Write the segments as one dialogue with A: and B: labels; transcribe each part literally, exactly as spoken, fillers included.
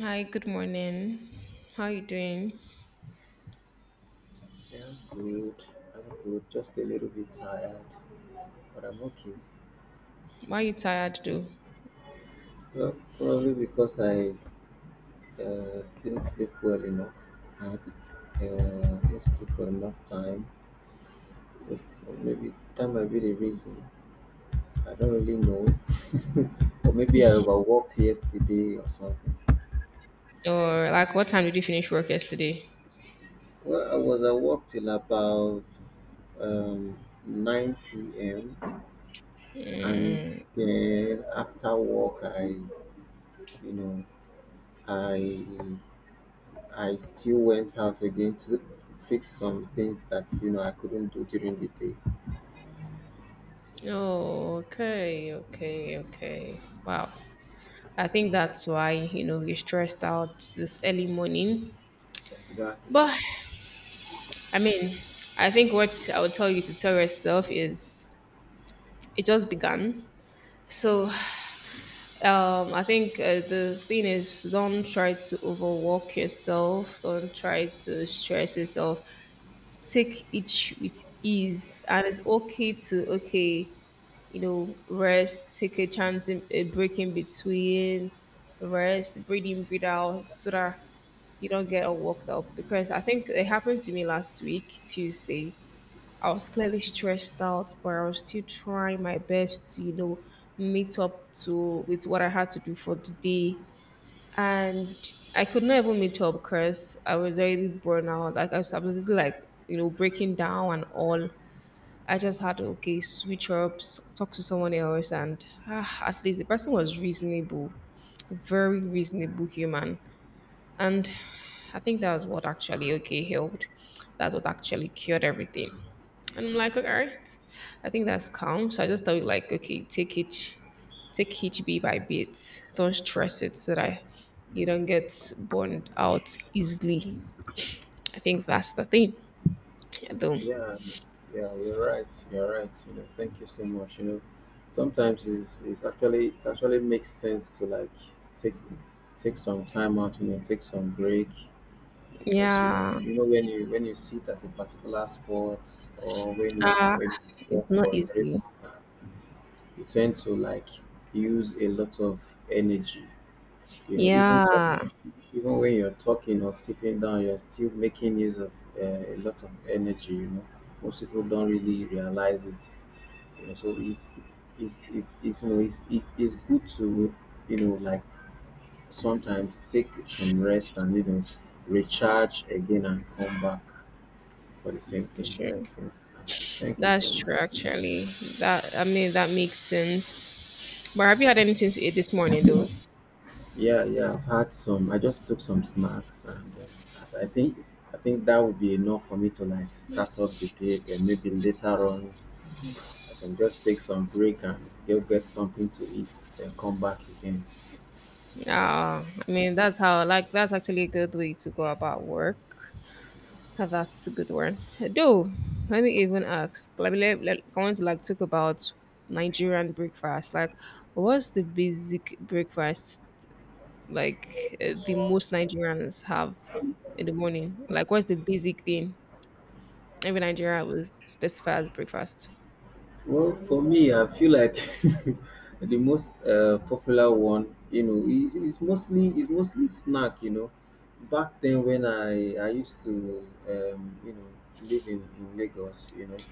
A: Hi, good morning. How are you doing?
B: I am good. I'm good. Just a little bit tired, but I'm okay.
A: Why are you tired though?
B: Well, probably because I uh, didn't sleep well enough. I uh, didn't sleep for enough time. So so maybe that might be the reason. I don't really know. Or maybe I overworked yesterday or something.
A: Or like what time did you finish work yesterday?
B: Well, I was at work till about um, nine p m And
A: Mm.
B: then after work, I, you know, I I still went out again to fix some things that you know I couldn't do during the day.
A: Oh, okay, okay, okay. Wow. I think that's why, you know, you're stressed out this early morning.
B: Exactly.
A: But I mean, I think what I would tell you to tell yourself is it just began. So um, I think uh, the thing is, don't try to overwork yourself. Don't try to stress yourself. Take each with ease, and it's okay to okay, you know rest, take a chance in a break in between, rest, breathe in, breathe out so that you don't get all worked up, because I think it happened to me last week Tuesday. I was clearly stressed out, but I was still trying my best to, you know meet up to with what I had to do for the day. And I could not even meet up because I was already burnt out. Like I was absolutely like, you know breaking down and all. I just had to, okay, switch up, s- talk to someone else, and ah, at least the person was reasonable, very reasonable human. And I think that was what actually, okay, helped. That's what actually cured everything. And I'm like, all right, I think that's calm. So I just thought like, okay, take each take each bit by bit. Don't stress it so that you don't get burned out easily. I think that's the thing. Though.
B: Yeah, um, yeah, you're right. You're right. You know, thank you so much. You know, sometimes it's, it's actually it actually makes sense to like take take some time out. You know, take some break because you know
A: Yeah.
B: you know when you when you sit at a particular spot or when you
A: Ah,
B: when you work
A: it's not
B: for a very
A: easy.
B: long time, you tend to like use a lot of energy. You know, even talk.
A: Yeah.
B: Even when you're talking or sitting down, you're still making use of uh, a lot of energy. You know, most people don't really realize it. You know, so it's it's it's, it's you know it's it, it's good to you know like sometimes take some rest and you know recharge again and come back for the same thing,
A: Sure.
B: for instance. So thank you
A: That's
B: very much.
A: true, actually. That I mean, that makes sense. But have you had anything to eat this morning, though?
B: Yeah, yeah. I've had some. I just took some snacks, and um, I I think I think that would be enough for me to like start up the day. Then maybe later on I can just take some break and go get something to eat, then come back again.
A: Ah, I mean, that's how. Like, that's actually a good way to go about work. Ah, that's a good one. Though, let me even ask. Let me. Let, let- I want to like talk about Nigerian breakfast. Like, what's the basic breakfast like uh, the most Nigerians have in the morning? Like, what's the basic thing every Nigerian will specify as breakfast?
B: Well, for me, I feel like the most uh, popular one, you know, is, is mostly is mostly snack. You know, back then when I I used to um, you know live in, in Lagos, you know,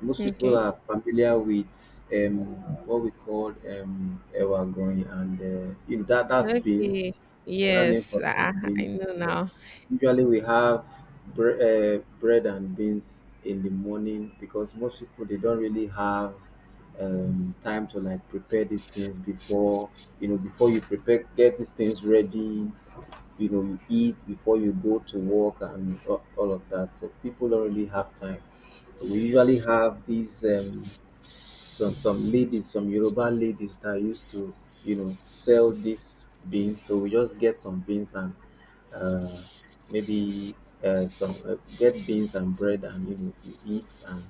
B: most people
A: Okay.
B: are familiar with um, what we call um, ewagoyin and uh, you know that that's beans
A: Okay.
B: running
A: Yes,
B: for
A: I, I
B: beans
A: know
B: and all.
A: now.
B: Usually we have bre- uh, bread and beans in the morning because most people they don't really have um, time to like prepare these things before you know before you prepare get these things ready, you know, you eat before you go to work and all, all of that, so people don't really have time. So we usually have these um, some some ladies, some Yoruba ladies that used to, you know, sell these beans. So we just get some beans and uh, maybe uh, some uh, get beans and bread, and you know, you eat and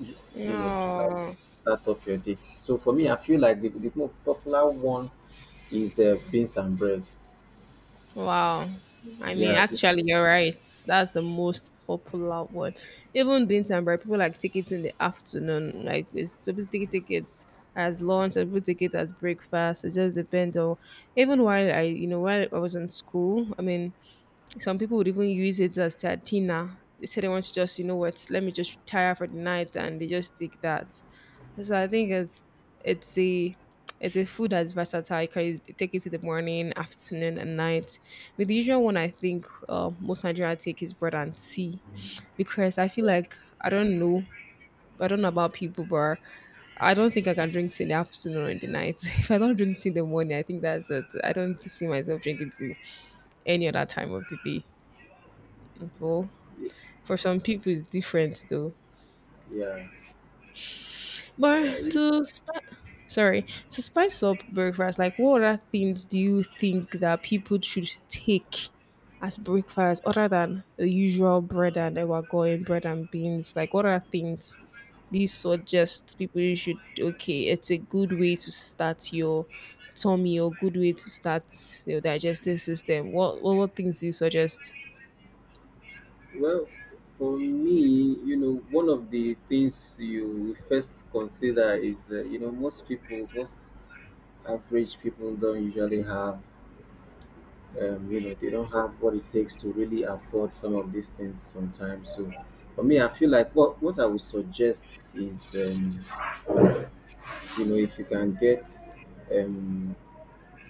B: you, you know to like
A: Oh,
B: start up your day. So for me, I feel like the, the more popular one is uh, beans and bread.
A: wow. I mean,
B: Yeah, beans,
A: actually, you're right. That's the most popular one. Even beans and bread, people like take it in the afternoon. Like, it's some people take tickets as lunch, some people take it as breakfast. It just depends on. Even while I, you know, while I was in school, I mean, some people would even use it as their dinner. They say they want to just, you know what, let me just retire for the night, and they just take that. So I think it's it's a it's a food that's versatile. You can use- take it in the morning, afternoon, and night. But the usual one I think uh, most Nigerians take is bread and tea, because I feel like I don't know, I don't know about people, but I don't think I can drink tea in the afternoon or in the night. If I don't drink tea in the morning, I think that's it. I don't see myself drinking tea any other time of the day. Well,
B: yeah,
A: for some people, it's different though.
B: yeah.
A: But to sp- sorry to spice up breakfast, like what other things do you think that people should take as breakfast other than the usual bread and ever going bread and beans? Like what other things do you suggest people should? Okay, it's a good way to start your tummy, or good way to start your digestive system. What what, what things do you suggest?
B: Well, for me, you know, one of the things you first consider is, uh, you know, most people, most average people don't usually have um, you know they don't have what it takes to really afford some of these things sometimes. So for me, I feel like what what I would suggest is um, you know if you can get um,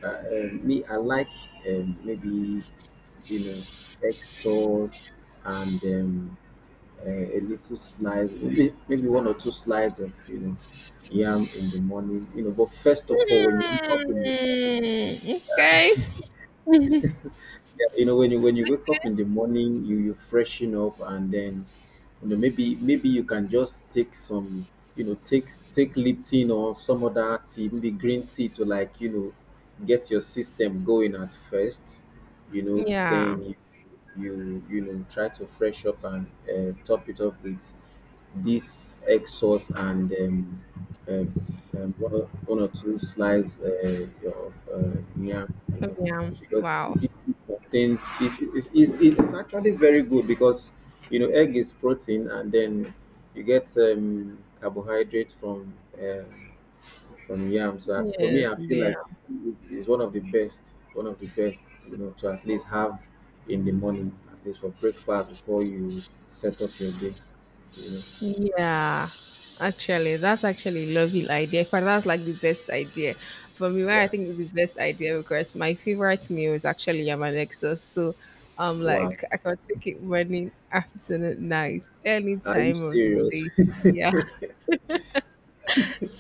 B: uh, uh, me I like um, maybe you know egg sauce and um, uh, a little slice, maybe maybe one or two slides of, you know, yam in the morning. You know, but first of all, when you wake up in the
A: Hmm, okay.
B: you know when you when you wake up in the morning, you you freshen up, and then you know maybe maybe you can just take some, you know take take Lipton or some other tea, maybe green tea, to like you know get your system going at first. You know,
A: Yeah.
B: then you you you know try to fresh up and uh, top it up with this egg sauce and um, um, um, one, or, one or two slices uh, of uh, yam, you know,
A: Yeah.
B: because
A: Wow.
B: this it contains, it, it, it, it's actually very good because you know egg is protein, and then you get um, carbohydrate from uh, from yam. So I- to me,
A: Yes.
B: I feel
A: Yeah.
B: like it is one of the best, one of the best, you know, to at least have in the morning, at least for breakfast before you set up your day, you know.
A: Yeah. Actually, that's actually a lovely idea. In fact, that's like the best idea. For me, why I
B: Yeah.
A: think it's the best idea, because my favorite meal is actually yam and exo. So um
B: Wow.
A: like I can take it morning, afternoon, night, any
B: Are you
A: time of the
B: serious?
A: day. Yeah.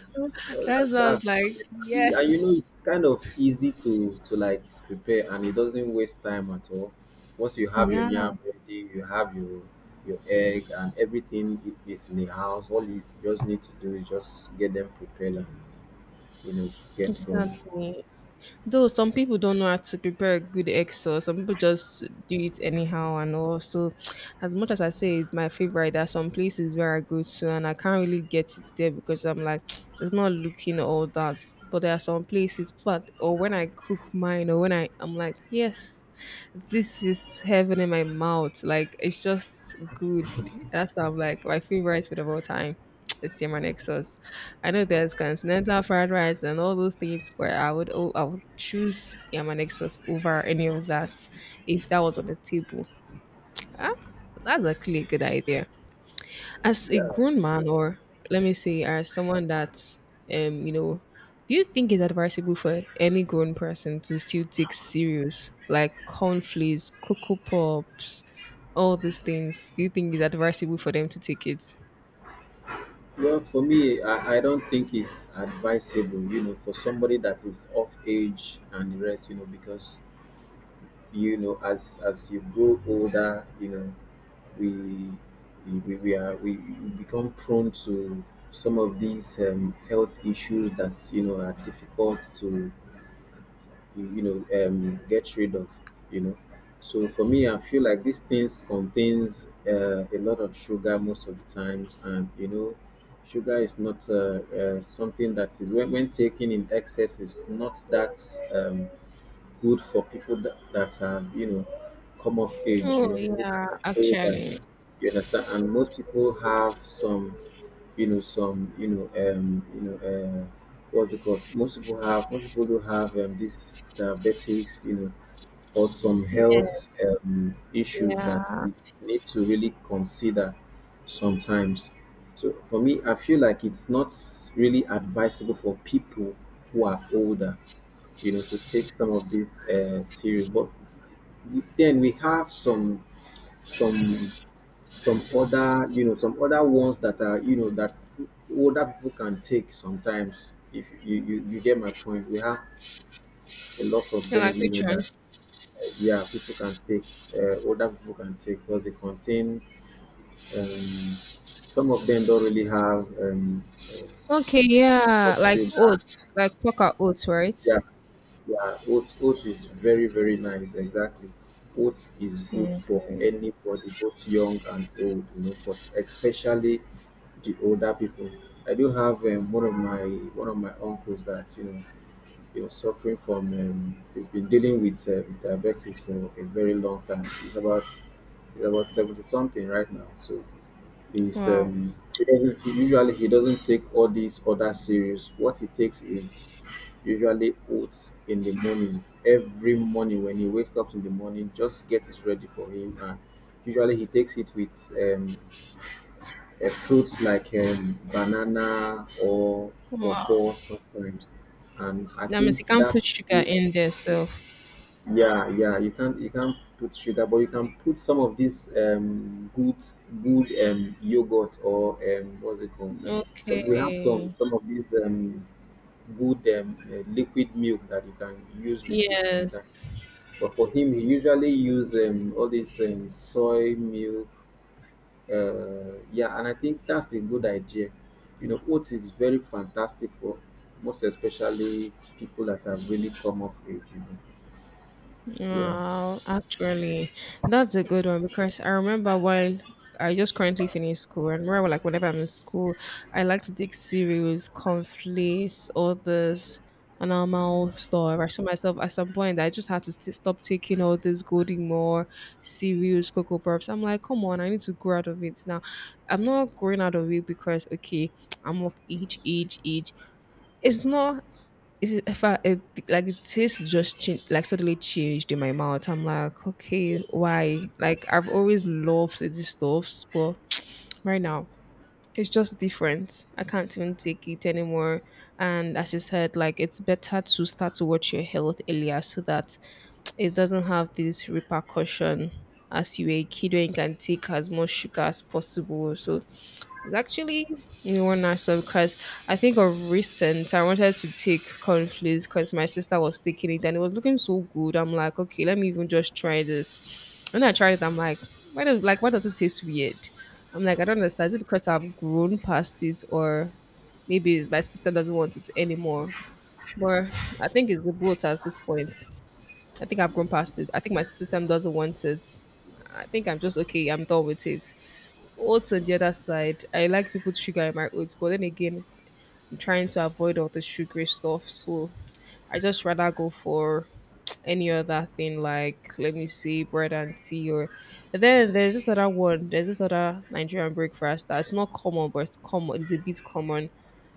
B: Well, that's
A: That's why I was
B: that's
A: like,
B: and you know
A: yes.
B: it's kind of easy to to like prepare, and it doesn't waste time at all. Once you have your
A: Yeah,
B: yam ready, you have your your egg and everything i- is in the house. All you just need to do is just get them prepared and, you know get going.
A: exactly. Though some people don't know how to prepare a good egg sauce, some people just do it anyhow and all. So, as much as I say it's my favorite, there are some places where I go to and I can't really get it there, because I'm like, it's not looking all that. But there are some places, but or when I cook mine, or when I, I'm like, yes, this is heaven in my mouth. Like it's just good. That's why I'm like my favorite food of all time. It's Yemen Exos. I know there's continental fried rice and all those things, but I would oh, I would choose Yemen Exos over any of that if that was on the table. Ah, that's actually a good idea. As a
B: Yeah.
A: grown man, or let me say as someone that's um you know do you think it's advisable for any grown person to still take serious like cornflakes, cocoa pops, all these things? Do you think it's advisable for them to take it?
B: Well, for me, I, I don't think it's advisable, you know, for somebody that is of age and the rest, you know, because you know as as you grow older, you know we we, we we are we become prone to some of these um, health issues that you know are difficult to you you know um, get rid of, you know so for me I feel like these things contains uh, a lot of sugar most of the times, and you know sugar is not uh, uh, something that is when, when taken in excess is not that um, good for people that, that have, you know, come of age, you
A: Oh
B: know, people
A: yeah,
B: that are older.
A: actually.
B: You understand? And most people have some, you know, some, you know, um, you know, uh, what's it called? Most people have, most people do have um, this diabetics, you know, or some
A: Yeah,
B: health um, issues that
A: yeah.
B: we need to really consider sometimes. So for me, I feel like it's not really advisable for people who are older, you know, to take some of this uh, serious. But we- then we have some some some other you know some other ones that are, you know, that older people can take sometimes. If you you, you get my point, we have a lot of
A: And
B: them.
A: like
B: You
A: which
B: know that
A: ones?
B: uh, yeah, people can take, uh, older people can take, because they contain. Um, some of them don't really have um, uh,
A: Okay,
B: too
A: yeah,
B: much
A: like
B: sugar.
A: oats, like poker oats, right?
B: Yeah, yeah, oat oat is very very nice. Exactly, oat is good for
A: Okay.
B: anybody, both young and old, you know, but especially the older people. I do have um, one of my one of my uncles that, you know he was suffering from. Um, he's been dealing with um, diabetes for a very long time. He's about he's about seventy something right now, so he's
A: Wow.
B: um he doesn't he usually he doesn't take all these other serious. What he takes is usually oats in the morning, every morning when he wakes up in the morning. Just get it ready for him, and usually he takes it with um uh, fruits like um, banana or
A: Wow.
B: pawpaw sometimes, and I
A: That means
B: think
A: you can't put
B: that's
A: sugar in there, so.
B: yeah, yeah, you can't you can't put sugar, but you can put some of this um good good um yogurt or um what's it called. So we have some
A: Okay.
B: some of these um good, um, uh, liquid milk that you can use with it sometimes.
A: Yes.
B: But for him, he usually use um, all this um, soy milk. Uh, yeah, and I think that's a good idea. You know, oats is very fantastic for, most especially, people that have really come of age, you know. Yeah.
A: Wow. Actually, that's a good one, because I remember while I just currently finished school, and remember like whenever I'm in school, I like to take cereals, conflicts, all this and normal stuff. I saw myself at some point that I just had to st- stop taking all this Golden more cereals, cocoa pops. I'm like, come on, I need to grow out of it now. I'm not growing out of it because okay, I'm of age, age, age. It's not it's if I it, like the taste just changed, like suddenly changed in my mouth. I'm like, okay, why? Like I've always loved these stuffs, but right now it's just different. I can't even take it anymore. And as you said, like it's better to start to watch your health earlier so that it doesn't have this repercussion as you were a kid, when you can take as much sugar as possible. So actually, you want to so because I think of recent, I wanted to take conflicts, because my sister was taking it and it was looking so good. I'm like, okay, let me even just try this. When I tried it, I'm like, why does like why does it taste weird? I'm like, I don't understand. Is it because I've grown past it, or maybe it's my sister doesn't want it anymore? But I think it's the both at this point. I think I've grown past it. I think my system doesn't want it. I think I'm just okay. I'm done with it. Oats on the other side, I like to put sugar in my oats, but then again, I'm trying to avoid all the sugary stuff. So I just rather go for any other thing, like let me see, bread and tea, or then there's this other one, there's this other Nigerian breakfast that's not common but it's common, it's a bit common.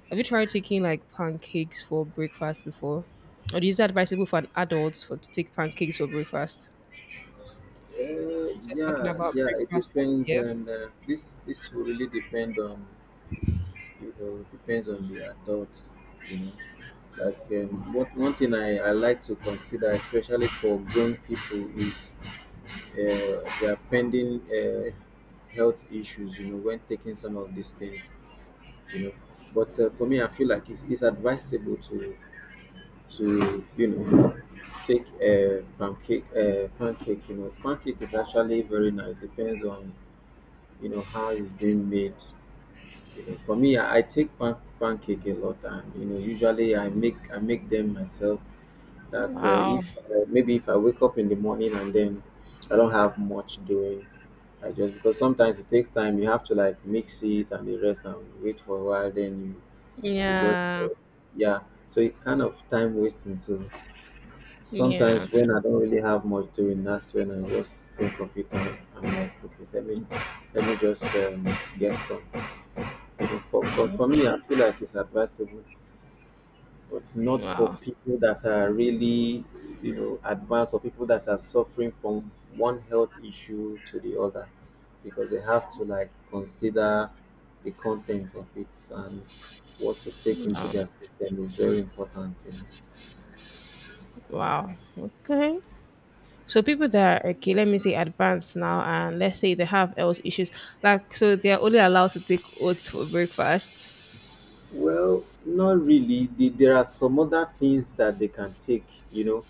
A: Have you tried taking like pancakes for breakfast before? Or is it advisable for an adult for to take pancakes for breakfast?
B: Uh,
A: Since we're talking
B: yeah,
A: about
B: yeah, it
A: breakfast,
B: depends,
A: yes.
B: and uh, this this will really depend on, you know, depends on the adult, you know. Like, um, what one thing I, I like to consider, especially for grown people, is uh, their pending, uh, health issues. You know, when taking some of these things, you know. But uh, for me, I feel like it's, it's advisable to to you know take, uh, pancake uh, pancake. You know, pancake is actually very nice. Depends on, you know how it's being made. You know, for me, I, I take pan- pancake a lot, and, you know, usually I make I make them myself. That uh,
A: Wow.
B: if uh, maybe if I wake up in the morning and then I don't have much doing, I just, because sometimes it takes time. You have to like mix it and the rest, and wait for a while. Then you you just
A: Yeah.
B: uh, yeah. So it kind of time wasting. So
A: Yeah.
B: sometimes when I don't really have much doing, that's when I just think of it, and I'm like, okay, let me let me just um, get some. For, for, for me, I feel like it's advisable, but not for
A: Wow.
B: people that are really, you know, advanced, or people that are suffering from one health issue to the other, because they have to like consider the content of it, and what to take into their system is very important, you know.
A: Wow. Okay. So people that are, okay, let me say advanced now, and let's say they have health issues, like, so they are only allowed to take oats for breakfast.
B: Well, not really. The- There are some other things that they can take, you know,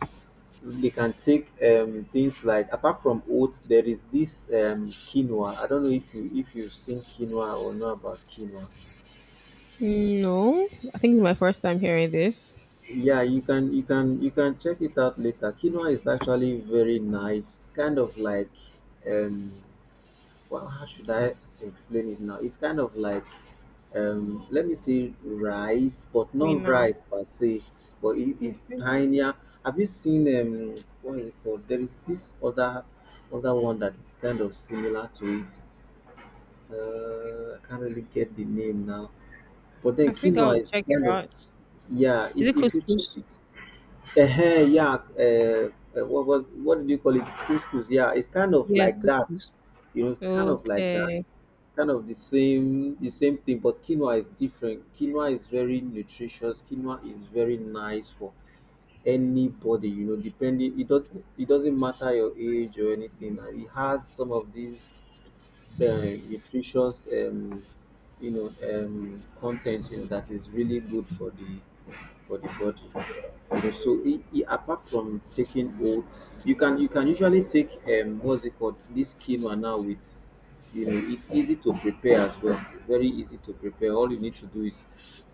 B: they can take um, things like, apart from oats there is this um, quinoa. I don't know if you if you've seen quinoa or know about quinoa.
A: No, I think it's my first time hearing this.
B: Yeah, you can, you can you can check it out later. Quinoa is actually very nice. It's kind of like, um, well, how should I explain it now? It's kind of like, um let me say, rice but
A: Wait
B: not
A: now.
B: rice per se, but it is
A: Okay.
B: tinier. Have you seen, um what's it called, there is this other other one that is kind of similar to it. uh I can't really get the name now, but then
A: I think I
B: quinoa
A: will
B: is
A: check it
B: kind of,
A: out.
B: yeah,
A: Is
B: if,
A: it
B: if you check
A: couscous?
B: it. uh yeah, uh, uh, what was what did you call it? Couscous. Yeah, it's kind of
A: Yes,
B: like that.
A: couscous.
B: You know, kind of like that.
A: Okay.
B: Kind of the same, the same thing. But quinoa is different. Quinoa is very nutritious. Quinoa is very nice for anybody. You know, depending, it does, it doesn't matter your age or anything. And it has some of these uh, nutritious, um, you know um, content, you know that is really good for the for the body, you know. So it, it, apart from taking oats, you can, you can usually take, um what's it called, this quinoa now. With, you know, it's easy to prepare as well. Very easy to prepare. All you need to do is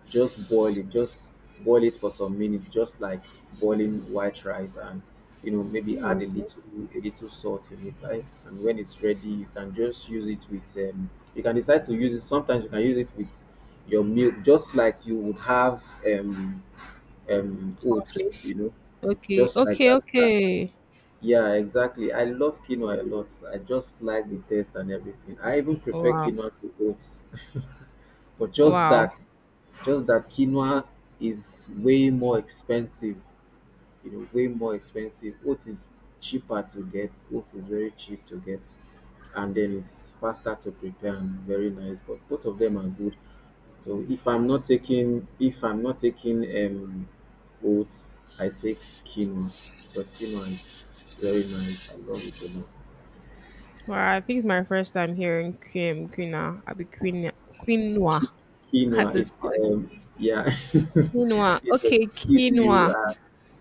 B: just boil it, just boil it for some minutes, just like boiling white rice. And, you know, maybe add a
A: Okay.
B: little, a little salt in it. I, and when it's ready you can just use it with, um you can decide to use it. Sometimes you can use it with your milk, just like you would have, um um oats,
A: Cornflakes.
B: you know,
A: Okay.
B: just like
A: Okay.
B: that. Uh,
A: Okay.
B: yeah, exactly, I love quinoa a lot. I just like the taste and everything. I even prefer
A: Wow.
B: quinoa to oats. But just
A: Wow.
B: that, just that quinoa is way more expensive, you know, way more expensive. Oats is cheaper to get. Oats is very cheap to get, and then it's faster to prepare, and very nice. But both of them are good. So if i'm not taking if I'm not taking um oats, I take quinoa, because quinoa is very nice. I love it a lot.
A: Well, I think it's my first time hearing cream quinoa. I'll be quinoa, quinoa
B: Qui- Quinoa
A: at this
B: is,
A: point.
B: um yeah.
A: Quinoa.
B: It's a
A: Okay,
B: Q U
A: quinoa.
B: I,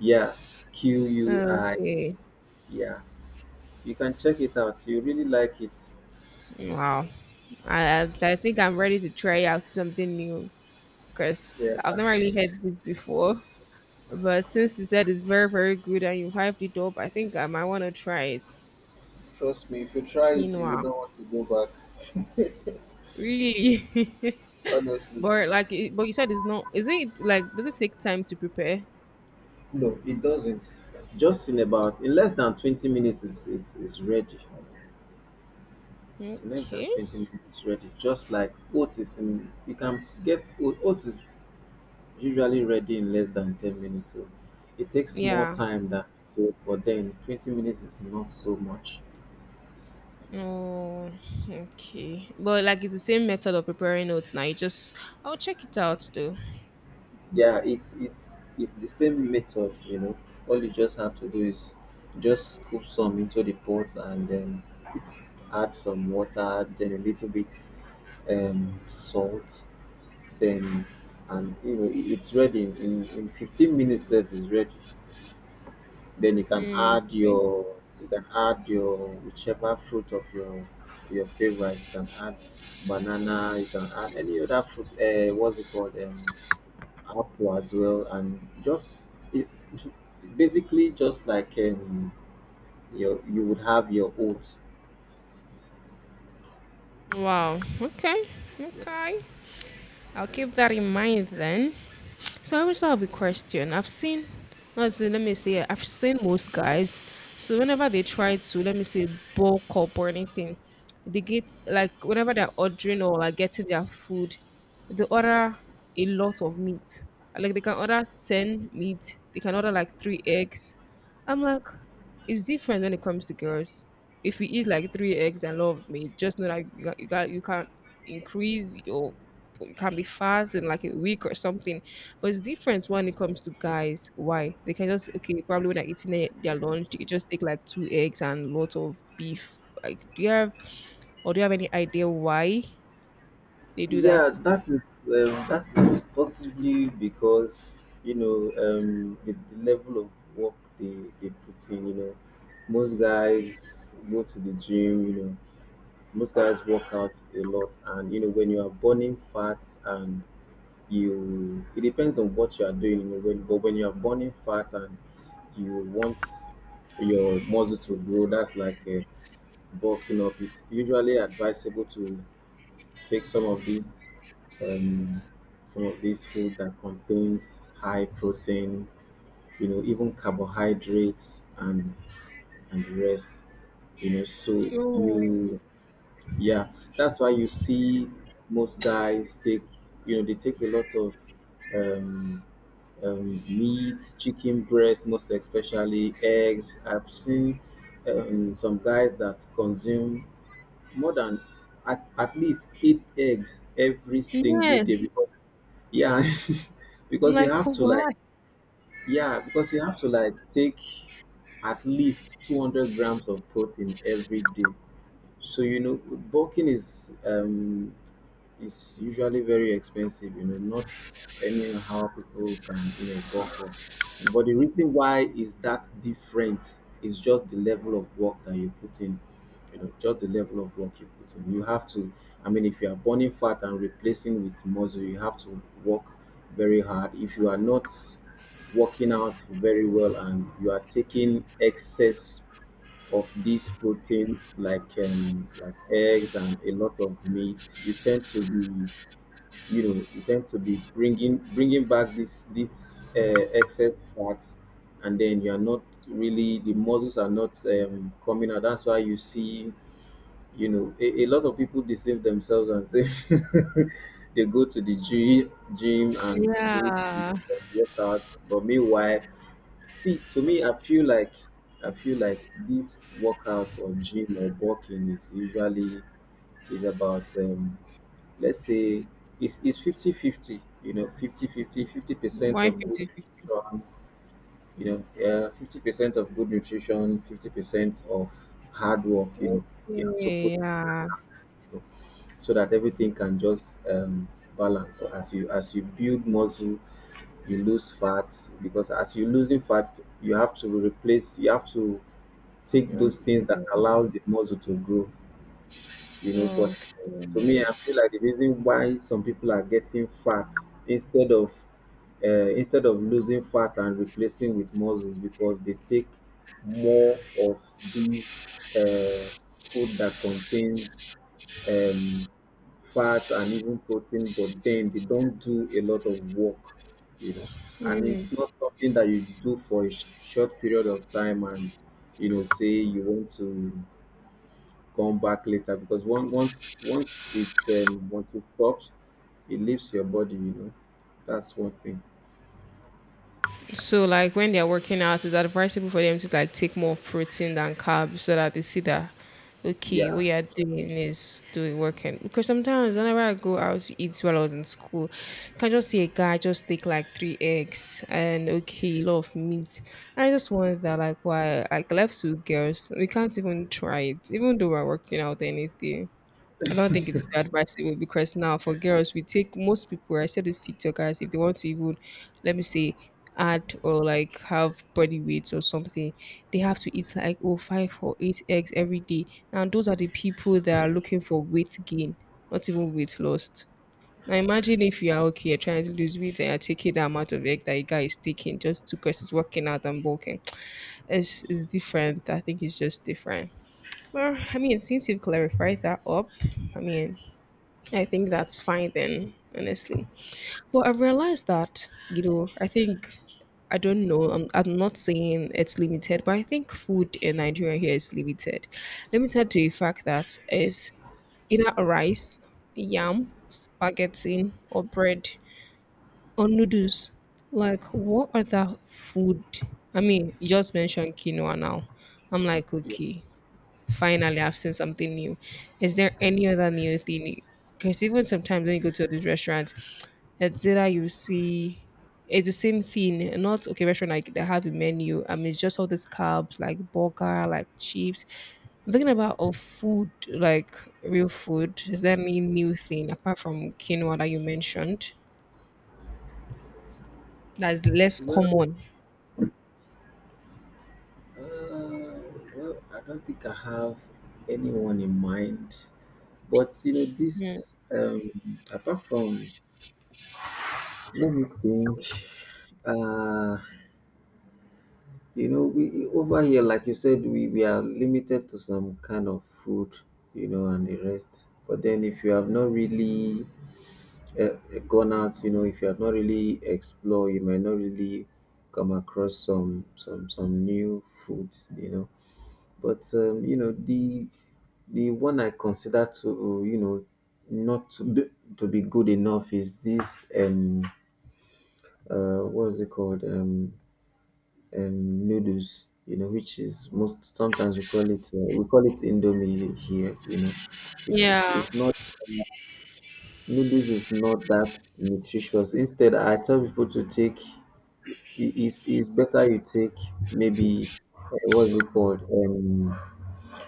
B: yeah, Q U I,
A: Okay.
B: yeah. You can check it out, you really like it.
A: Wow. I I I think I'm ready to try out something new, because
B: Yeah.
A: I've never really heard this before. But since you said it's very, very good and you've hyped it up, I think I might want to try it.
B: Trust me, if you try it, you
A: Quinoa.
B: would not want to go back.
A: Really? But like, it- but you said it's not. Is it like? Does it take time to prepare?
B: No, it doesn't. Just in about in less than twenty minutes is is, is ready. In less than
A: Okay.
B: twenty minutes is ready. Just like oats, is in you can get oat- oats is usually ready in less than ten minutes. So it takes more
A: Yeah.
B: time than oat, but then twenty minutes is not so much.
A: Oh, okay. But like it's the same method of preparing notes now. You just I'll check it out though.
B: Yeah, it's it's it's the same method, you know. All you just have to do is just scoop some into the pot and then add some water, then a little bit um, salt, then and you know it- it's ready in, in fifteen minutes, if it's ready. Then you can
A: Mm,
B: add your, you can add your whichever fruit of your, your favorite. You can add banana, you can add any other fruit. Uh, what's it called? Um, apple as well. And just, it, basically just like, um, your you would have your oats.
A: wow. Okay. Okay. I'll keep that in mind then. So I also have a question. I've seen let let me say I've seen most guys. So whenever they try to, let me say, bulk up or anything, they get like whenever they're ordering or like getting their food, they order a lot of meat. Like they can order ten meat, they can order like three eggs. I'm like, it's different when it comes to girls. If you eat like three eggs and love meat, just know that you got, you got you can increase your you can be fat in like a week or something. But it's different when it comes to guys. Why? They can just okay, probably when they're eating their, their lunch, they just take like two eggs and lots of beef. Like, do you have or do you have any idea why they do that?
B: Yeah, that is um, that is possibly because, you know, um, the, the level of work they, they put in. You know, most guys go to the gym. You know, most guys work out a lot, and you know, when you are burning fat and you, it depends on what you are doing. You know, when, but when you are burning fat and you want your muscle to grow, that's like, uh, bulking up. It's usually advisable to take some of these um, some of this food that contains high protein, you know, even carbohydrates and and the rest, you know. So
A: Oh,
B: you, yeah, that's why you see most guys take, you know, they take a lot of um, um, meat, chicken breast, most especially eggs. I've seen um, some guys that consume more than at, at least eight eggs every single day
A: yes.
B: because, yeah,
A: I'm
B: because you
A: like,
B: have to
A: why?
B: like yeah, because you have to like take at least two hundred grams of protein every day. So, you know, bulking is, um it's usually very expensive, you know, not anyhow people can, you know, go for. But the reason why is that different is just the level of work that you put in, you know, just the level of work you put in. You have to, I mean, if you are burning fat and replacing with muscle, you have to work very hard. If you are not working out very well and you are taking excess of this protein, like, um, like eggs and a lot of meat, you tend to be, you know you tend to be bringing bringing back this this uh, excess fats, and then you are not really, the muscles are not um, coming out. That's why you see, you know, a, a lot of people deceive themselves and say, they go to the gym gym and do
A: Yeah.
B: some workout, but meanwhile... See, to me, I feel like, I feel like this workout or gym or walking is usually, is about, um, let's say it's it's fifty fifty, you know, fifty to fifty, fifty fifty, fifty percent
A: Why
B: of good
A: fifty fifty?
B: nutrition, you know, uh, fifty percent of good nutrition, fifty percent of hard work, you know. You have to put
A: Okay,
B: in,
A: yeah.
B: you know, so that everything can just, uh, balance. So, as you as you build muscle, you lose fat, because as you're losing fat, you have to replace, you have to take
A: Okay.
B: those things that allows the muscle to grow, you know. But to
A: Okay.
B: me, I feel like the reason why some people are getting fat instead of, uh, instead of losing fat and replacing with muscles, because they take more of these uh, food that contains fat and even protein, but then they don't do a lot of work, you know. And
A: Mm.
B: it's not something that you do for a sh- short period of time and, you know, say you want to come back later, because one, once once it's um, once it stops, it leaves your body. You know, that's one thing.
A: So like when they're working out, it's advisable for them to like take more protein than carbs so that they see that okay, what
B: Yeah.
A: you're doing is doing working. Because sometimes whenever I go out to eat while I was in school, if I just see a guy just take like three eggs and okay, a lot of meat. And I just wonder that like why like left to girls, we can't even try it, even though we're working out or anything. I don't think it's advisable because now for girls, we take most people. I said this TikTokers. If they want to even, let me say, add or like have body weight or something, they have to eat like oh five or eight eggs every day. And those are the people that are looking for weight gain, not even weight loss. Now imagine if you are okay, you're trying to lose weight and you're taking the amount of egg that a guy is taking just to because he's working out and bulking. It's, it's different. I think it's just different. Well, I mean, since you've clarified that up, I mean, I think that's fine then, honestly. But I've realized that, you know, I think I don't know, I'm I'm not saying it's limited, but I think food in Nigeria here is limited. Limited to the fact that it's either rice, yam, spaghetti, or bread, or noodles. Like what other food? I mean, you just mentioned quinoa now. I'm like,
B: Yeah.
A: okay, finally I've seen something new. Is there any other new thing? Because even sometimes when you go to these restaurants, it's either you see it's the same thing, not okay restaurant like they have a menu. I mean, it's just all these carbs like burger, like chips. I'm thinking about of food, like real food. Is there any new thing apart from quinoa that you mentioned that is less
B: Well,
A: common?
B: uh, well, I don't think I have anyone in mind, but, you know,
A: Mm.
B: this um, apart from let me think. Uh, you know, we over here, like you said, we, we are limited to some kind of food, you know, and the rest. But then, if you have not really uh, gone out, you know, if you have not really explored, you might not really come across some some some new food, you know. But um, you know the the one I consider to, you know, not to be, to be good enough, is this um uh what's it called, um um noodles, you know, which is, most sometimes we call it, uh, we call it indomie here, you know, which is
A: Yeah.
B: is not um, Noodles is not that nutritious. Instead, I tell people to take. i- i- It's, it's better you take maybe, uh, what's it called, um,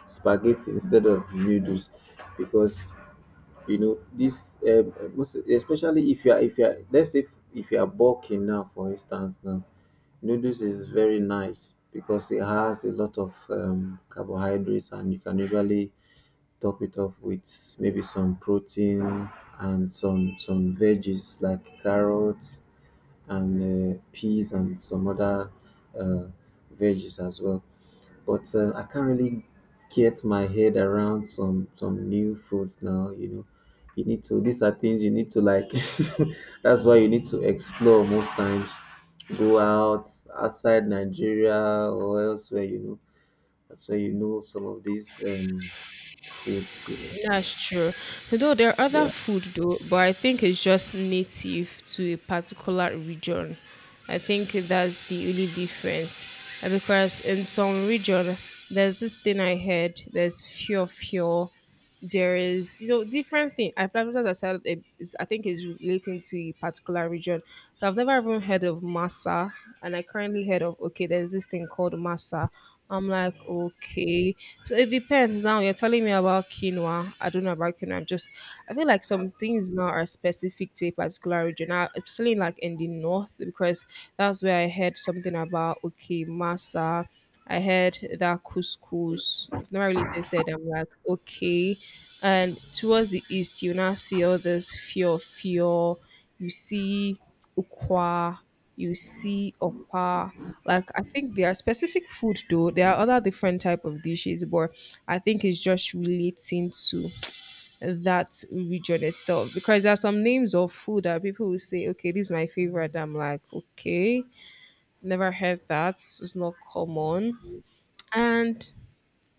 B: spaghetti instead of noodles, because, you know, this um, most- especially if you are if you are let's say, if, if you are bulking now, for instance. Now noodles is very nice because it has a lot of um, carbohydrates, and you can usually top it off with maybe some protein and some some veggies like carrots and, uh, peas, and some other, uh, veggies as well. But, uh, I can't really get my head around some some new foods now. You know, you need to... These are things you need to like. That's why you need to explore most times. Go out, outside Nigeria or elsewhere. You know, that's where you know some of these um, foods, you know.
A: That's true. Though there are other
B: Yeah,
A: food though, but I think it's just native to a particular region. I think that's the only difference. Uh, Because in some region there's this thing I heard, there's fear fear. There is, you know, different thing. I probably as I said it is I think it's relating to a particular region. So I've never even heard of masa and I currently heard of okay, there's this thing called masa. I'm like, okay. So it depends. Now you're telling me about quinoa. I don't know about quinoa. I'm just, I feel like some things now are specific to a particular region. I, especially like in the north, because that's where I heard something about, okay, masa. I heard that couscous. I've never really tasted. I'm like, okay. And towards the east, you now see all this fear, fear. You see ukwa, you see oppa. Like I think there are specific food though. There are other different type of dishes, but I think it's just relating to that region itself. Because there are some names of food that people will say, okay, this is my favorite. I'm like, okay, never heard that. It's not common. And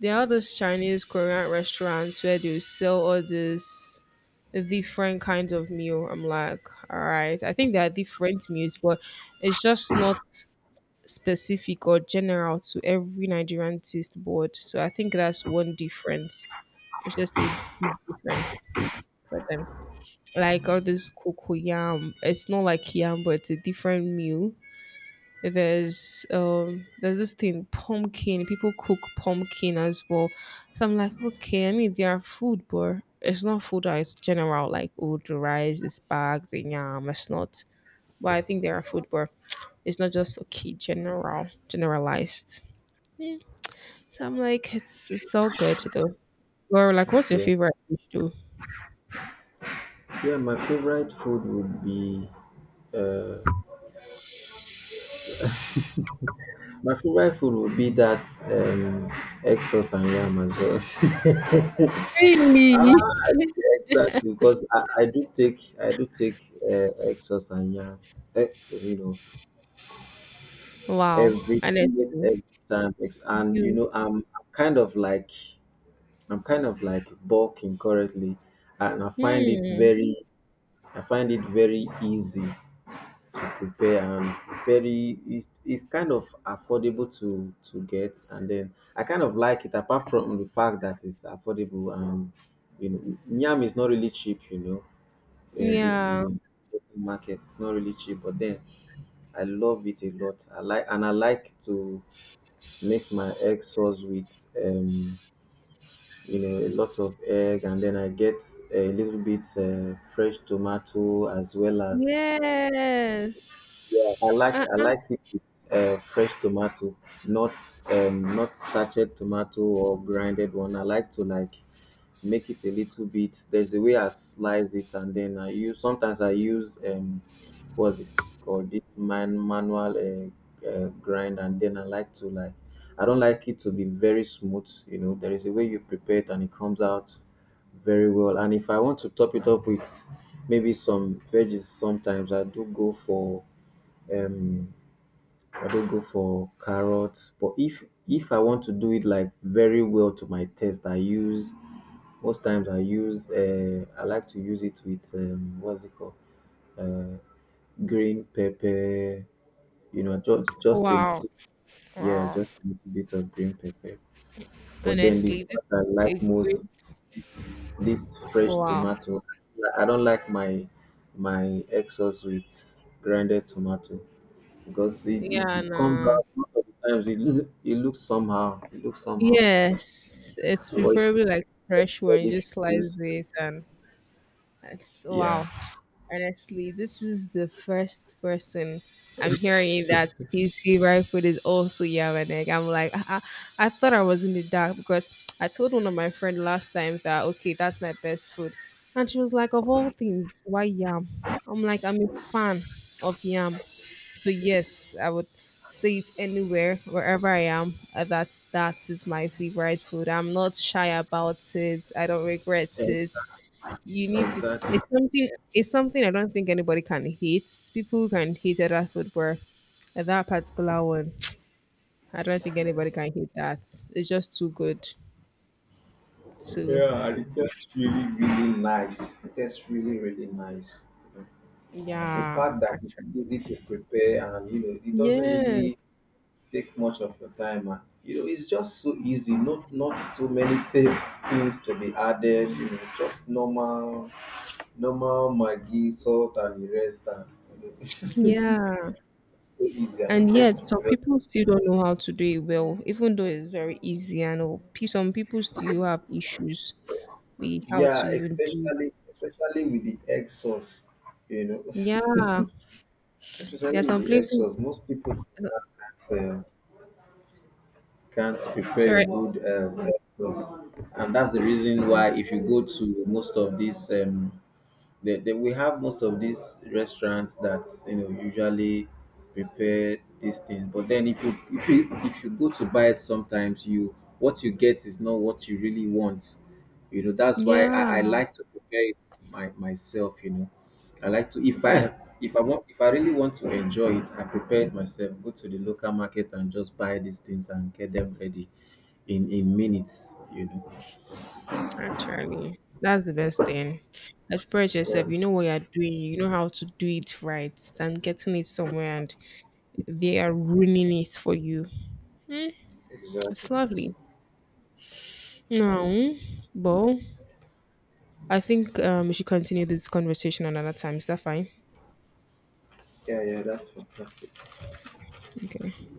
A: there are those Chinese Korean restaurants where they sell all these different kinds of meal. I'm like, all right. I think there are different meals, but it's just not specific or general to every Nigerian taste board. So I think that's one difference. It's just a big difference for them. Like all this cocoyam, it's not like yam, but it's a different meal. There's um there's this thing pumpkin. People cook pumpkin as well. So I'm like, okay, I mean they are food, but it's not food. That is general like oh the rice is bag, the yam. It's not. But I think they are food, but it's not just okay general generalized. So I'm like, it's it's all good though. Or like, what's your
B: yeah,
A: favorite dish though?
B: yeah. My favorite food would be, uh, my favorite food would be that um, egg sauce and yam as well.
A: Really?
B: ah, yeah, exactly, because I, I do take, I do take uh, egg sauce and yam, eh, you know,
A: Wow,
B: every, almost
A: honestly,
B: every time. Ex- And, you
A: you.
B: know, I'm, I'm kind of like I'm kind of like bulking currently, and I find it
A: Hmm.
B: very, I find it very easy prepare, and very... it's it's kind of affordable to to get, and then I kind of like it. Apart from the fact that it's affordable and, you know, yam is not really cheap, you know, in,
A: Yeah.
B: in the local market it's not really cheap, but then I love it a lot. I like, and I like to make my egg sauce with, um you know a lot of egg, and then I get a little bit, uh, fresh tomato, as well as...
A: Yes.
B: Yeah, I like I
A: Uh-uh.
B: like it with, uh, fresh tomato, not, um, not sachet tomato or grinded one. I like to, like, make it a little bit. There's a way I slice it, and then I use, sometimes I use, um, what's it called, this man manual, uh, uh, grind, and then I like to, like... I don't like it to be very smooth. You know, there is a way you prepare it, and it comes out very well. And if I want to top it up with maybe some veggies, sometimes I do go for, um I not go for carrot, but if if I want to do it like very well to my taste, I use, most times I use um I like to use it with, um what's it called, um green pepper, you know, just just a
A: Wow.
B: little. Yeah,
A: Wow.
B: just a little bit of green pepper, but then the
A: Honestly, this
B: part I like
A: is a
B: most
A: good.
B: is this this fresh
A: Wow.
B: tomato. I don't like my my egg sauce with grounded tomato, because it, it,
A: Yeah.
B: it comes
A: Nah.
B: out most of the times. It, loo- it looks somehow. It looks somehow.
A: Yes. It's
B: But
A: preferably like fresh one. You
B: if
A: just
B: you
A: slice
B: use,
A: it and it's
B: yeah,
A: wow. Honestly, this is the first person I'm hearing that his favorite food is also yam and egg. I'm like, I, I, I thought I was in the dark because I told one of my friend last time that okay, that's my best food, and she was like, of all things, why yam? I'm like, I'm a fan of yam, so yes, I would say it anywhere, wherever I am. uh, That that is my favorite food. I'm not shy about it. I don't regret
B: e-
A: it. You need to,
B: exactly.
A: it's something it's something I don't think anybody can hate. People can hate other food, but that particular one, I don't think anybody can hate that. It's just too good, so
B: Yeah, and it tastes really, really nice. It tastes really, really nice. The
A: yeah.
B: fact that it's
A: Actually,
B: easy to prepare and, you know it doesn't
A: yes.
B: really take much of your time, and, you know it's just so easy. Not not too many th- things to be added. You know, just normal, normal Maggi, salt, and the rest. And, you know.
A: Yeah,
B: So easy, and
A: and
B: it
A: yet
B: tastes
A: some
B: very...
A: people still don't know how to do it well even though it's very easy. I know pe- some people still have issues with how to
B: Yeah,
A: even do it.
B: especially especially with the egg sauce, you know.
A: Yeah, there are
B: Especially
A: some
B: with the egg
A: places,
B: sauce. Most people t- can't, uh, can't prepare a
A: sorry,
B: good, um, egg sauce, and that's the reason why, if you go to most of these um, They, they, we have most of these restaurants that, you know, usually prepare these things, but then if you if you if you go to buy it sometimes, you what you get is not what you really want, you know. That's why
A: yeah.
B: i, I like to prepare it, my, myself, you know. I like to, if i if I want if I really want to enjoy it, I prepare it myself. Go to the local market and just buy these things and get them ready in in minutes, you know.
A: Actually, that's the best thing. Express
B: Yeah,
A: yourself. You know what you're doing. You know how to do it right than getting it somewhere and they are ruining it for you. Mm, it's
B: exactly.
A: lovely. No, but I think um, we should continue this conversation another time. Is that fine?
B: Yeah, yeah, that's fantastic.
A: Okay.